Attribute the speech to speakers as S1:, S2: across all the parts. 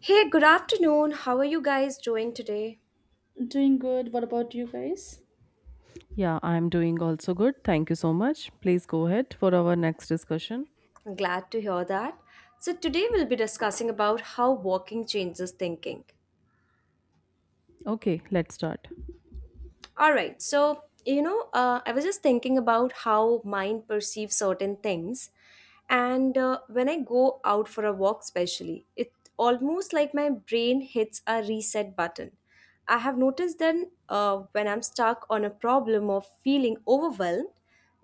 S1: Hey, good afternoon. How are you guys doing today?
S2: Doing good. What about you guys?
S3: Yeah, I'm doing also good. Thank you so much. Please go ahead for our next discussion.
S1: I'm glad to hear that. So today we'll be discussing about how walking changes thinking.
S3: Okay, let's start.
S1: All right. So, you know, I was just thinking about how mind perceives certain things. And when I go out for a walk, especially, it almost like my brain hits a reset button. I have noticed then when I'm stuck on a problem or feeling overwhelmed,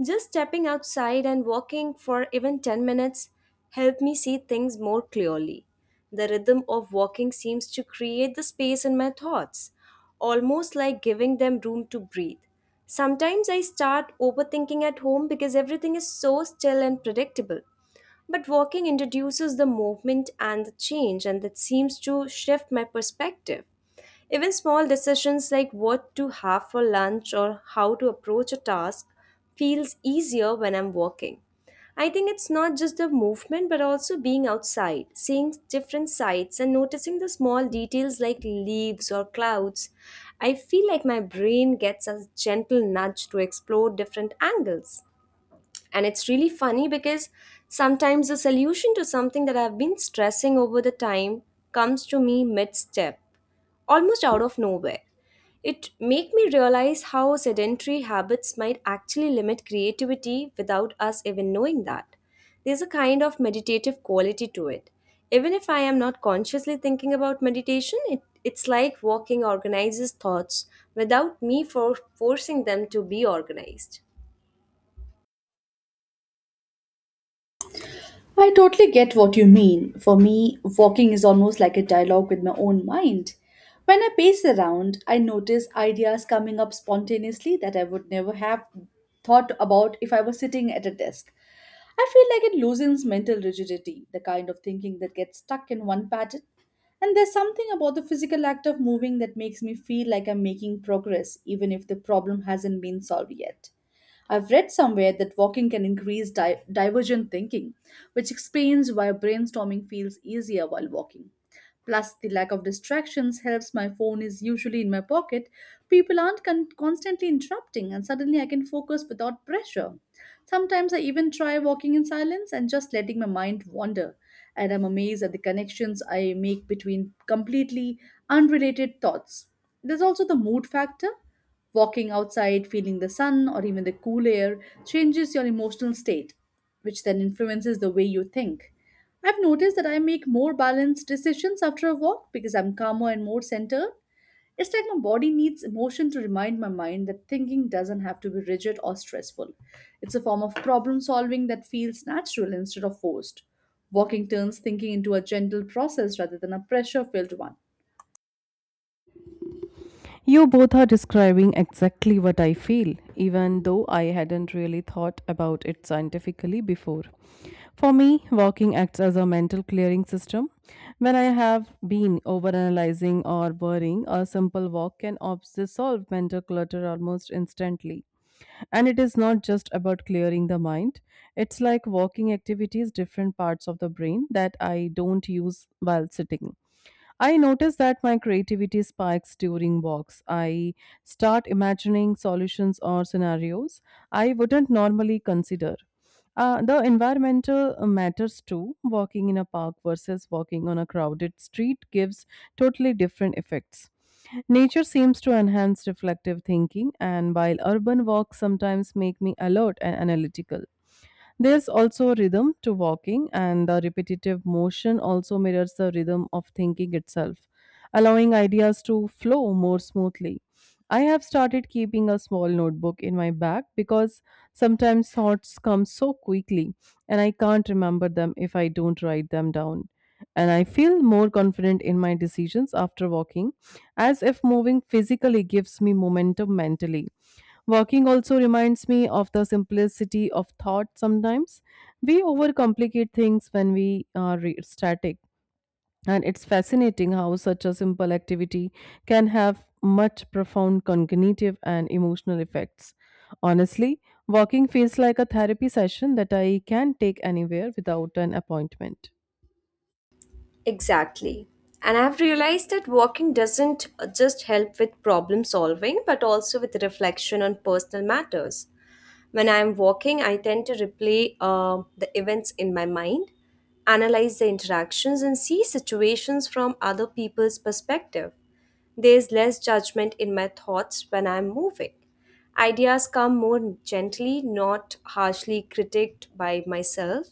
S1: just stepping outside and walking for even 10 minutes help me see things more clearly. The rhythm of walking seems to create the space in my thoughts almost like giving them room to breathe. Sometimes I start overthinking at home because everything is so still and predictable. But walking introduces the movement and the change, and that seems to shift my perspective. Even small decisions like what to have for lunch or how to approach a task feels easier when I'm walking. I think it's not just the movement but also being outside, seeing different sights and noticing the small details like leaves or clouds. I feel like my brain gets a gentle nudge to explore different angles. And it's really funny because sometimes the solution to something that I've been stressing over the time comes to me mid step, almost out of nowhere. It make me realize how sedentary habits might actually limit creativity without us even knowing that. There's a kind of meditative quality to it. Even if I am not consciously thinking about meditation, it's like walking organizes thoughts without me for forcing them to be organized.
S2: I totally get what you mean. For me, walking is almost like a dialogue with my own mind. When I pace around, I notice ideas coming up spontaneously that I would never have thought about if I was sitting at a desk. I feel like it loosens mental rigidity, the kind of thinking that gets stuck in one pattern. And there's something about the physical act of moving that makes me feel like I'm making progress, even if the problem hasn't been solved yet. I've read somewhere that walking can increase divergent thinking, which explains why brainstorming feels easier while walking. Plus, the lack of distractions helps, my phone is usually in my pocket. People aren't constantly interrupting, and suddenly I can focus without pressure. Sometimes I even try walking in silence and just letting my mind wander. And I'm amazed at the connections I make between completely unrelated thoughts. There's also the mood factor. Walking outside, feeling the sun or even the cool air changes your emotional state, which then influences the way you think. I've noticed that I make more balanced decisions after a walk because I'm calmer and more centered. It's like my body needs emotion to remind my mind that thinking doesn't have to be rigid or stressful. It's a form of problem solving that feels natural instead of forced. Walking turns thinking into a gentle process rather than a pressure filled one.
S3: You both are describing exactly what I feel, even though I hadn't really thought about it scientifically before. For me, walking acts as a mental clearing system. When I have been overanalyzing or worrying, a simple walk can dissolve mental clutter almost instantly. And it is not just about clearing the mind, it's like walking activities different parts of the brain that I don't use while sitting. I notice that my creativity spikes during walks. I start imagining solutions or scenarios I wouldn't normally consider. The environmental matters too. Walking in a park versus walking on a crowded street gives totally different effects. Nature seems to enhance reflective thinking, and while urban walks sometimes make me alert and analytical, there's also a rhythm to walking, and the repetitive motion also mirrors the rhythm of thinking itself, allowing ideas to flow more smoothly. I have started keeping a small notebook in my bag because sometimes thoughts come so quickly and I can't remember them if I don't write them down. And I feel more confident in my decisions after walking, as if moving physically gives me momentum mentally. Working also reminds me of the simplicity of thought sometimes. We overcomplicate things when we are static, and it's fascinating how such a simple activity can have much profound cognitive and emotional effects. Honestly, walking feels like a therapy session that I can take anywhere without an appointment.
S1: Exactly. And I've realized that walking doesn't just help with problem solving, but also with reflection on personal matters. When I'm walking, I tend to replay the events in my mind, analyze the interactions, and see situations from other people's perspective. There's less judgment in my thoughts when I'm moving. Ideas come more gently, not harshly critiqued by myself.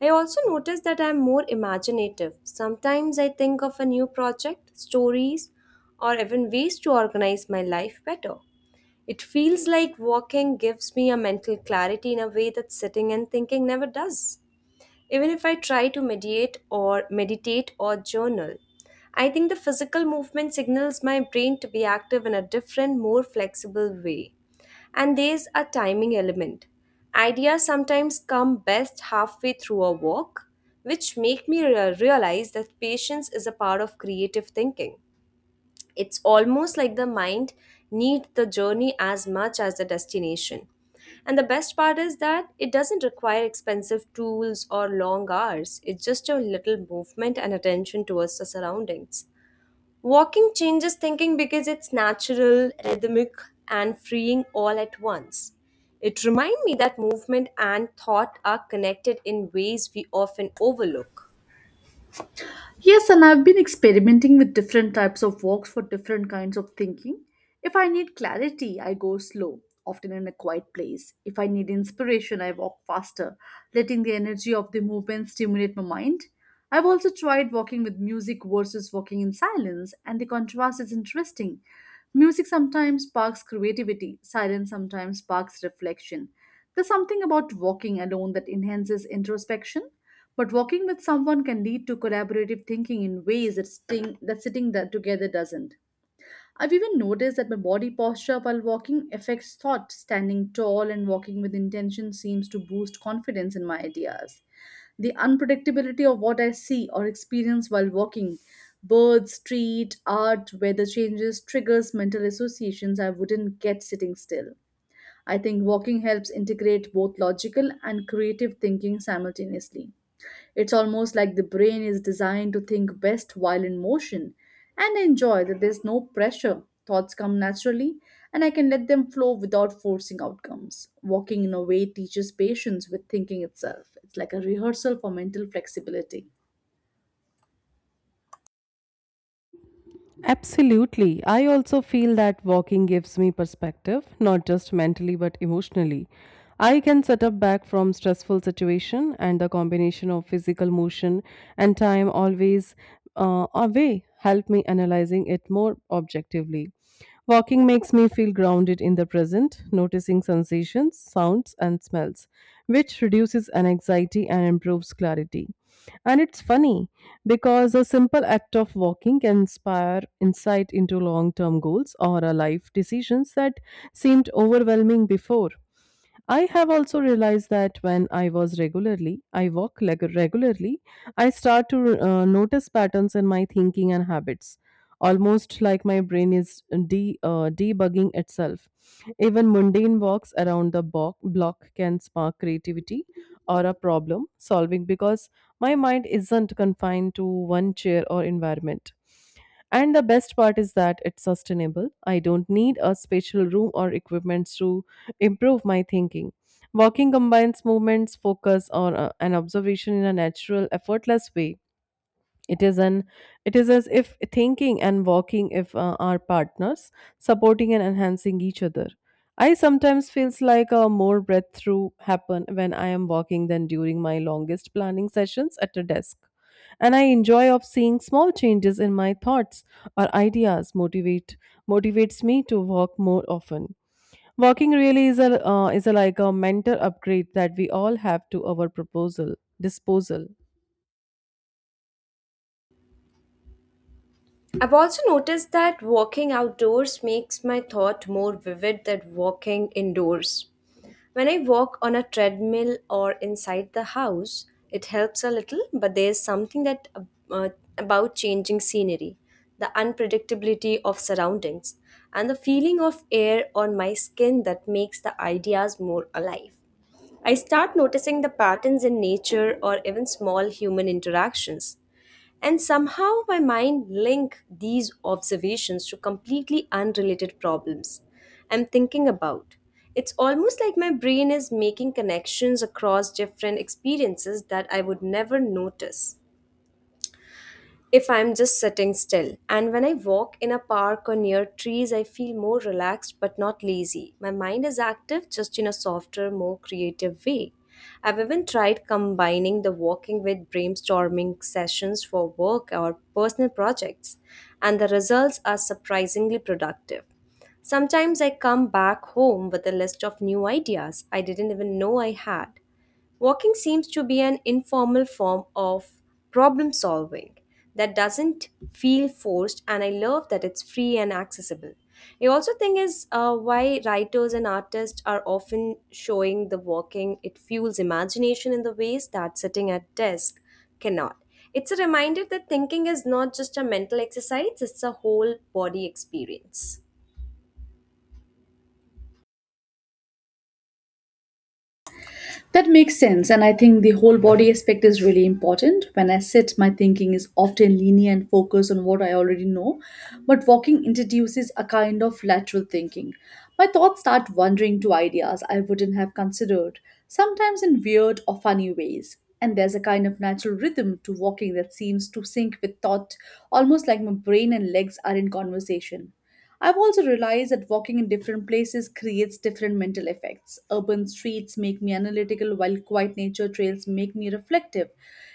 S1: I also notice that I'm more imaginative. Sometimes I think of a new project, stories, or even ways to organize my life better. It feels like walking gives me a mental clarity in a way that sitting and thinking never does. Even if I try to mediate or meditate or journal, I think the physical movement signals my brain to be active in a different, more flexible way. And there's a timing element. Ideas sometimes come best halfway through a walk, which make me realize that patience is a part of creative thinking. It's almost like the mind needs the journey as much as the destination. And the best part is that it doesn't require expensive tools or long hours. It's just a little movement and attention towards the surroundings. Walking changes thinking because it's natural, rhythmic, and freeing all at once. It reminds me that movement and thought are connected in ways we often overlook.
S2: Yes, and I've been experimenting with different types of walks for different kinds of thinking. If I need clarity, I go slow, often in a quiet place. If I need inspiration, I walk faster, letting the energy of the movement stimulate my mind. I've also tried walking with music versus walking in silence, and the contrast is interesting. Music sometimes sparks creativity, silence sometimes sparks reflection. There's something about walking alone that enhances introspection. But walking with someone can lead to collaborative thinking in ways that, that sitting that together doesn't. I've even noticed that my body posture while walking affects thought. Standing tall and walking with intention seems to boost confidence in my ideas. The unpredictability of what I see or experience while walking, birds, street, art, weather changes, triggers mental associations I wouldn't get sitting still. I think walking helps integrate both logical and creative thinking simultaneously. It's almost like the brain is designed to think best while in motion. And I enjoy that there's no pressure. Thoughts come naturally, and I can let them flow without forcing outcomes. Walking in a way teaches patience with thinking itself. It's like a rehearsal for mental flexibility.
S3: Absolutely. I also feel that walking gives me perspective, not just mentally but emotionally. I can set up back from stressful situation, and the combination of physical motion and time always away help me analyzing it more objectively. Walking makes me feel grounded in the present, noticing sensations, sounds, and smells, which reduces anxiety and improves clarity. And it's funny because a simple act of walking can inspire insight into long term goals or a life decisions that seemed overwhelming before. I have also realized that when I was regularly, I walk regularly, I start to notice patterns in my thinking and habits, almost like my brain is debugging itself. Even mundane walks around the block can spark creativity or a problem solving because my mind isn't confined to one chair or environment. And the best part is that it's sustainable. I don't need a special room or equipment to improve my thinking. Walking combines movements, focus, or an observation in a natural, effortless way. It is an it is as if thinking and walking if are partners, supporting and enhancing each other. I sometimes feels like a more breakthrough happen when I am walking than during my longest planning sessions at a desk. And I enjoy of seeing small changes in my thoughts or ideas motivates me to walk more often. Walking really is like a mental upgrade that we all have to our proposal disposal.
S1: I've also noticed that walking outdoors makes my thought more vivid than walking indoors. When I walk on a treadmill or inside the house, it helps a little, but there's something that uh, about changing scenery, the unpredictability of surroundings, and the feeling of air on my skin that makes the ideas more alive. I start noticing the patterns in nature or even small human interactions and somehow my mind linked these observations to completely unrelated problems I'm thinking about. It's almost like my brain is making connections across different experiences that I would never notice if I'm just sitting still. And when I walk in a park or near trees, I feel more relaxed but not lazy. My mind is active just in a softer, more creative way. I've even tried combining the walking with brainstorming sessions for work or personal projects, and the results are surprisingly productive. Sometimes I come back home with a list of new ideas I didn't even know I had. Walking seems to be an informal form of problem solving that doesn't feel forced, and I love that it's free and accessible. I also think is why writers and artists are often showing the walking. It fuels imagination in the ways that sitting at desk cannot. It's a reminder that thinking is not just a mental exercise; it's a whole body experience.
S2: That makes sense. And I think the whole body aspect is really important. When I sit, my thinking is often linear and focused on what I already know. But walking introduces a kind of lateral thinking. My thoughts start wandering to ideas I wouldn't have considered, sometimes in weird or funny ways. And there's a kind of natural rhythm to walking that seems to sync with thought, almost like my brain and legs are in conversation. I've also realized that walking in different places creates different mental effects. Urban streets make me analytical, while quiet nature trails make me reflective.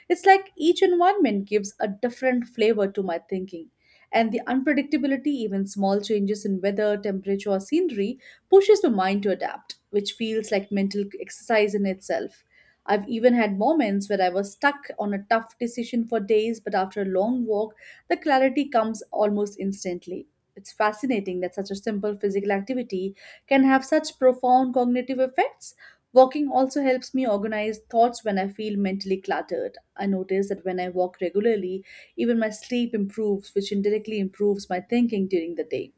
S2: It's like each environment gives a different flavor to my thinking. And the unpredictability, even small changes in weather, temperature, or scenery, pushes the mind to adapt, which feels like mental exercise in itself. I've even had moments where I was stuck on a tough decision for days, but after a long walk, the clarity comes almost instantly. It's fascinating that such a simple physical activity can have such profound cognitive effects. Walking also helps me organize thoughts when I feel mentally cluttered. I notice that when I walk regularly, even my sleep improves, which indirectly improves my thinking during the day.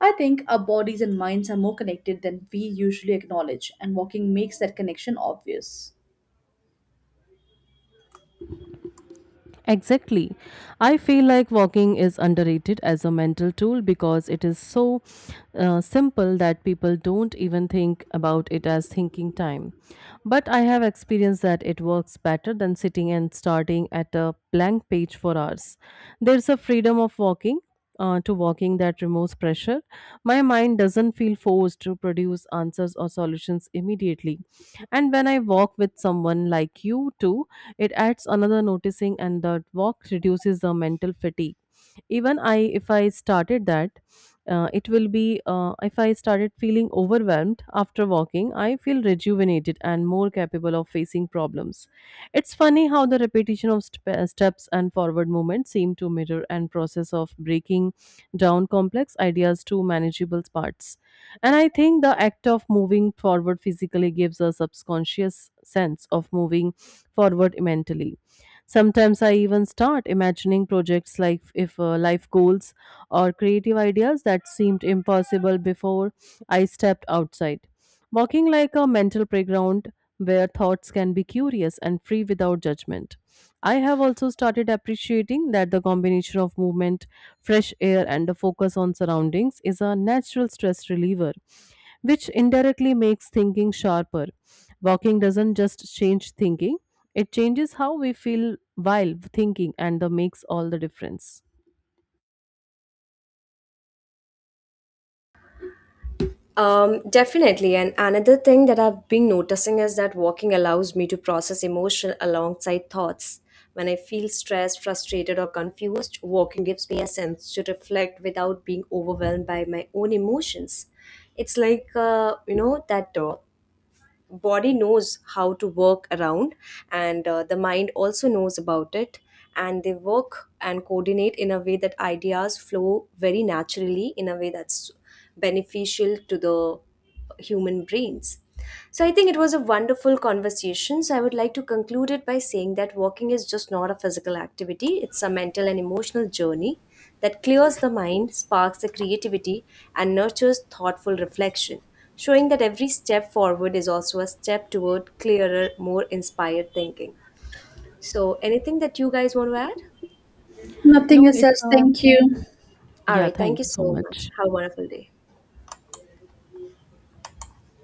S2: I think our bodies and minds are more connected than we usually acknowledge, and walking makes that connection obvious.
S3: Exactly. I feel like walking is underrated as a mental tool because it is so simple that people don't even think about it as thinking time. But I have experienced that it works better than sitting and starting at a blank page for hours. There's a freedom of walking that removes pressure. My mind doesn't feel forced to produce answers or solutions immediately. And when I walk with someone like you too, it adds another noticing, and that walk reduces the mental fatigue. Even I, if I started that, it will be If I started feeling overwhelmed after walking, I feel rejuvenated and more capable of facing problems. It's funny how the repetition of steps and forward movement seem to mirror and process of breaking down complex ideas to manageable parts, and I think the act of moving forward physically gives a subconscious sense of moving forward mentally. Sometimes I even start imagining projects like if life goals or creative ideas that seemed impossible before I stepped outside. Walking like a mental playground where thoughts can be curious and free without judgment. I have also started appreciating that the combination of movement, fresh air, and a focus on surroundings is a natural stress reliever, which indirectly makes thinking sharper. Walking doesn't just change thinking, it changes how we feel while thinking, and that makes all the difference.
S1: Definitely. And another thing that I've been noticing is that walking allows me to process emotion alongside thoughts. When I feel stressed, frustrated, or confused, walking gives me a sense to reflect without being overwhelmed by my own emotions. It's like, that door body knows how to work around and the mind also knows about it and they work and coordinate in a way that ideas flow very naturally in a way that's beneficial to the human brains. So I think it was a wonderful conversation. So I would like to conclude it by saying that walking is just not a physical activity, it's a mental and emotional journey that clears the mind, sparks the creativity, and nurtures thoughtful reflection showing that every step forward is also a step toward clearer, more inspired thinking. So, anything that you guys want to add?
S2: Nothing
S3: No,
S2: is
S3: it's
S2: said.
S3: a
S2: Thank you.
S1: All
S3: Yeah,
S1: right,
S3: thank
S1: thank you
S3: you so
S1: so much.
S3: much.
S1: Have a wonderful day.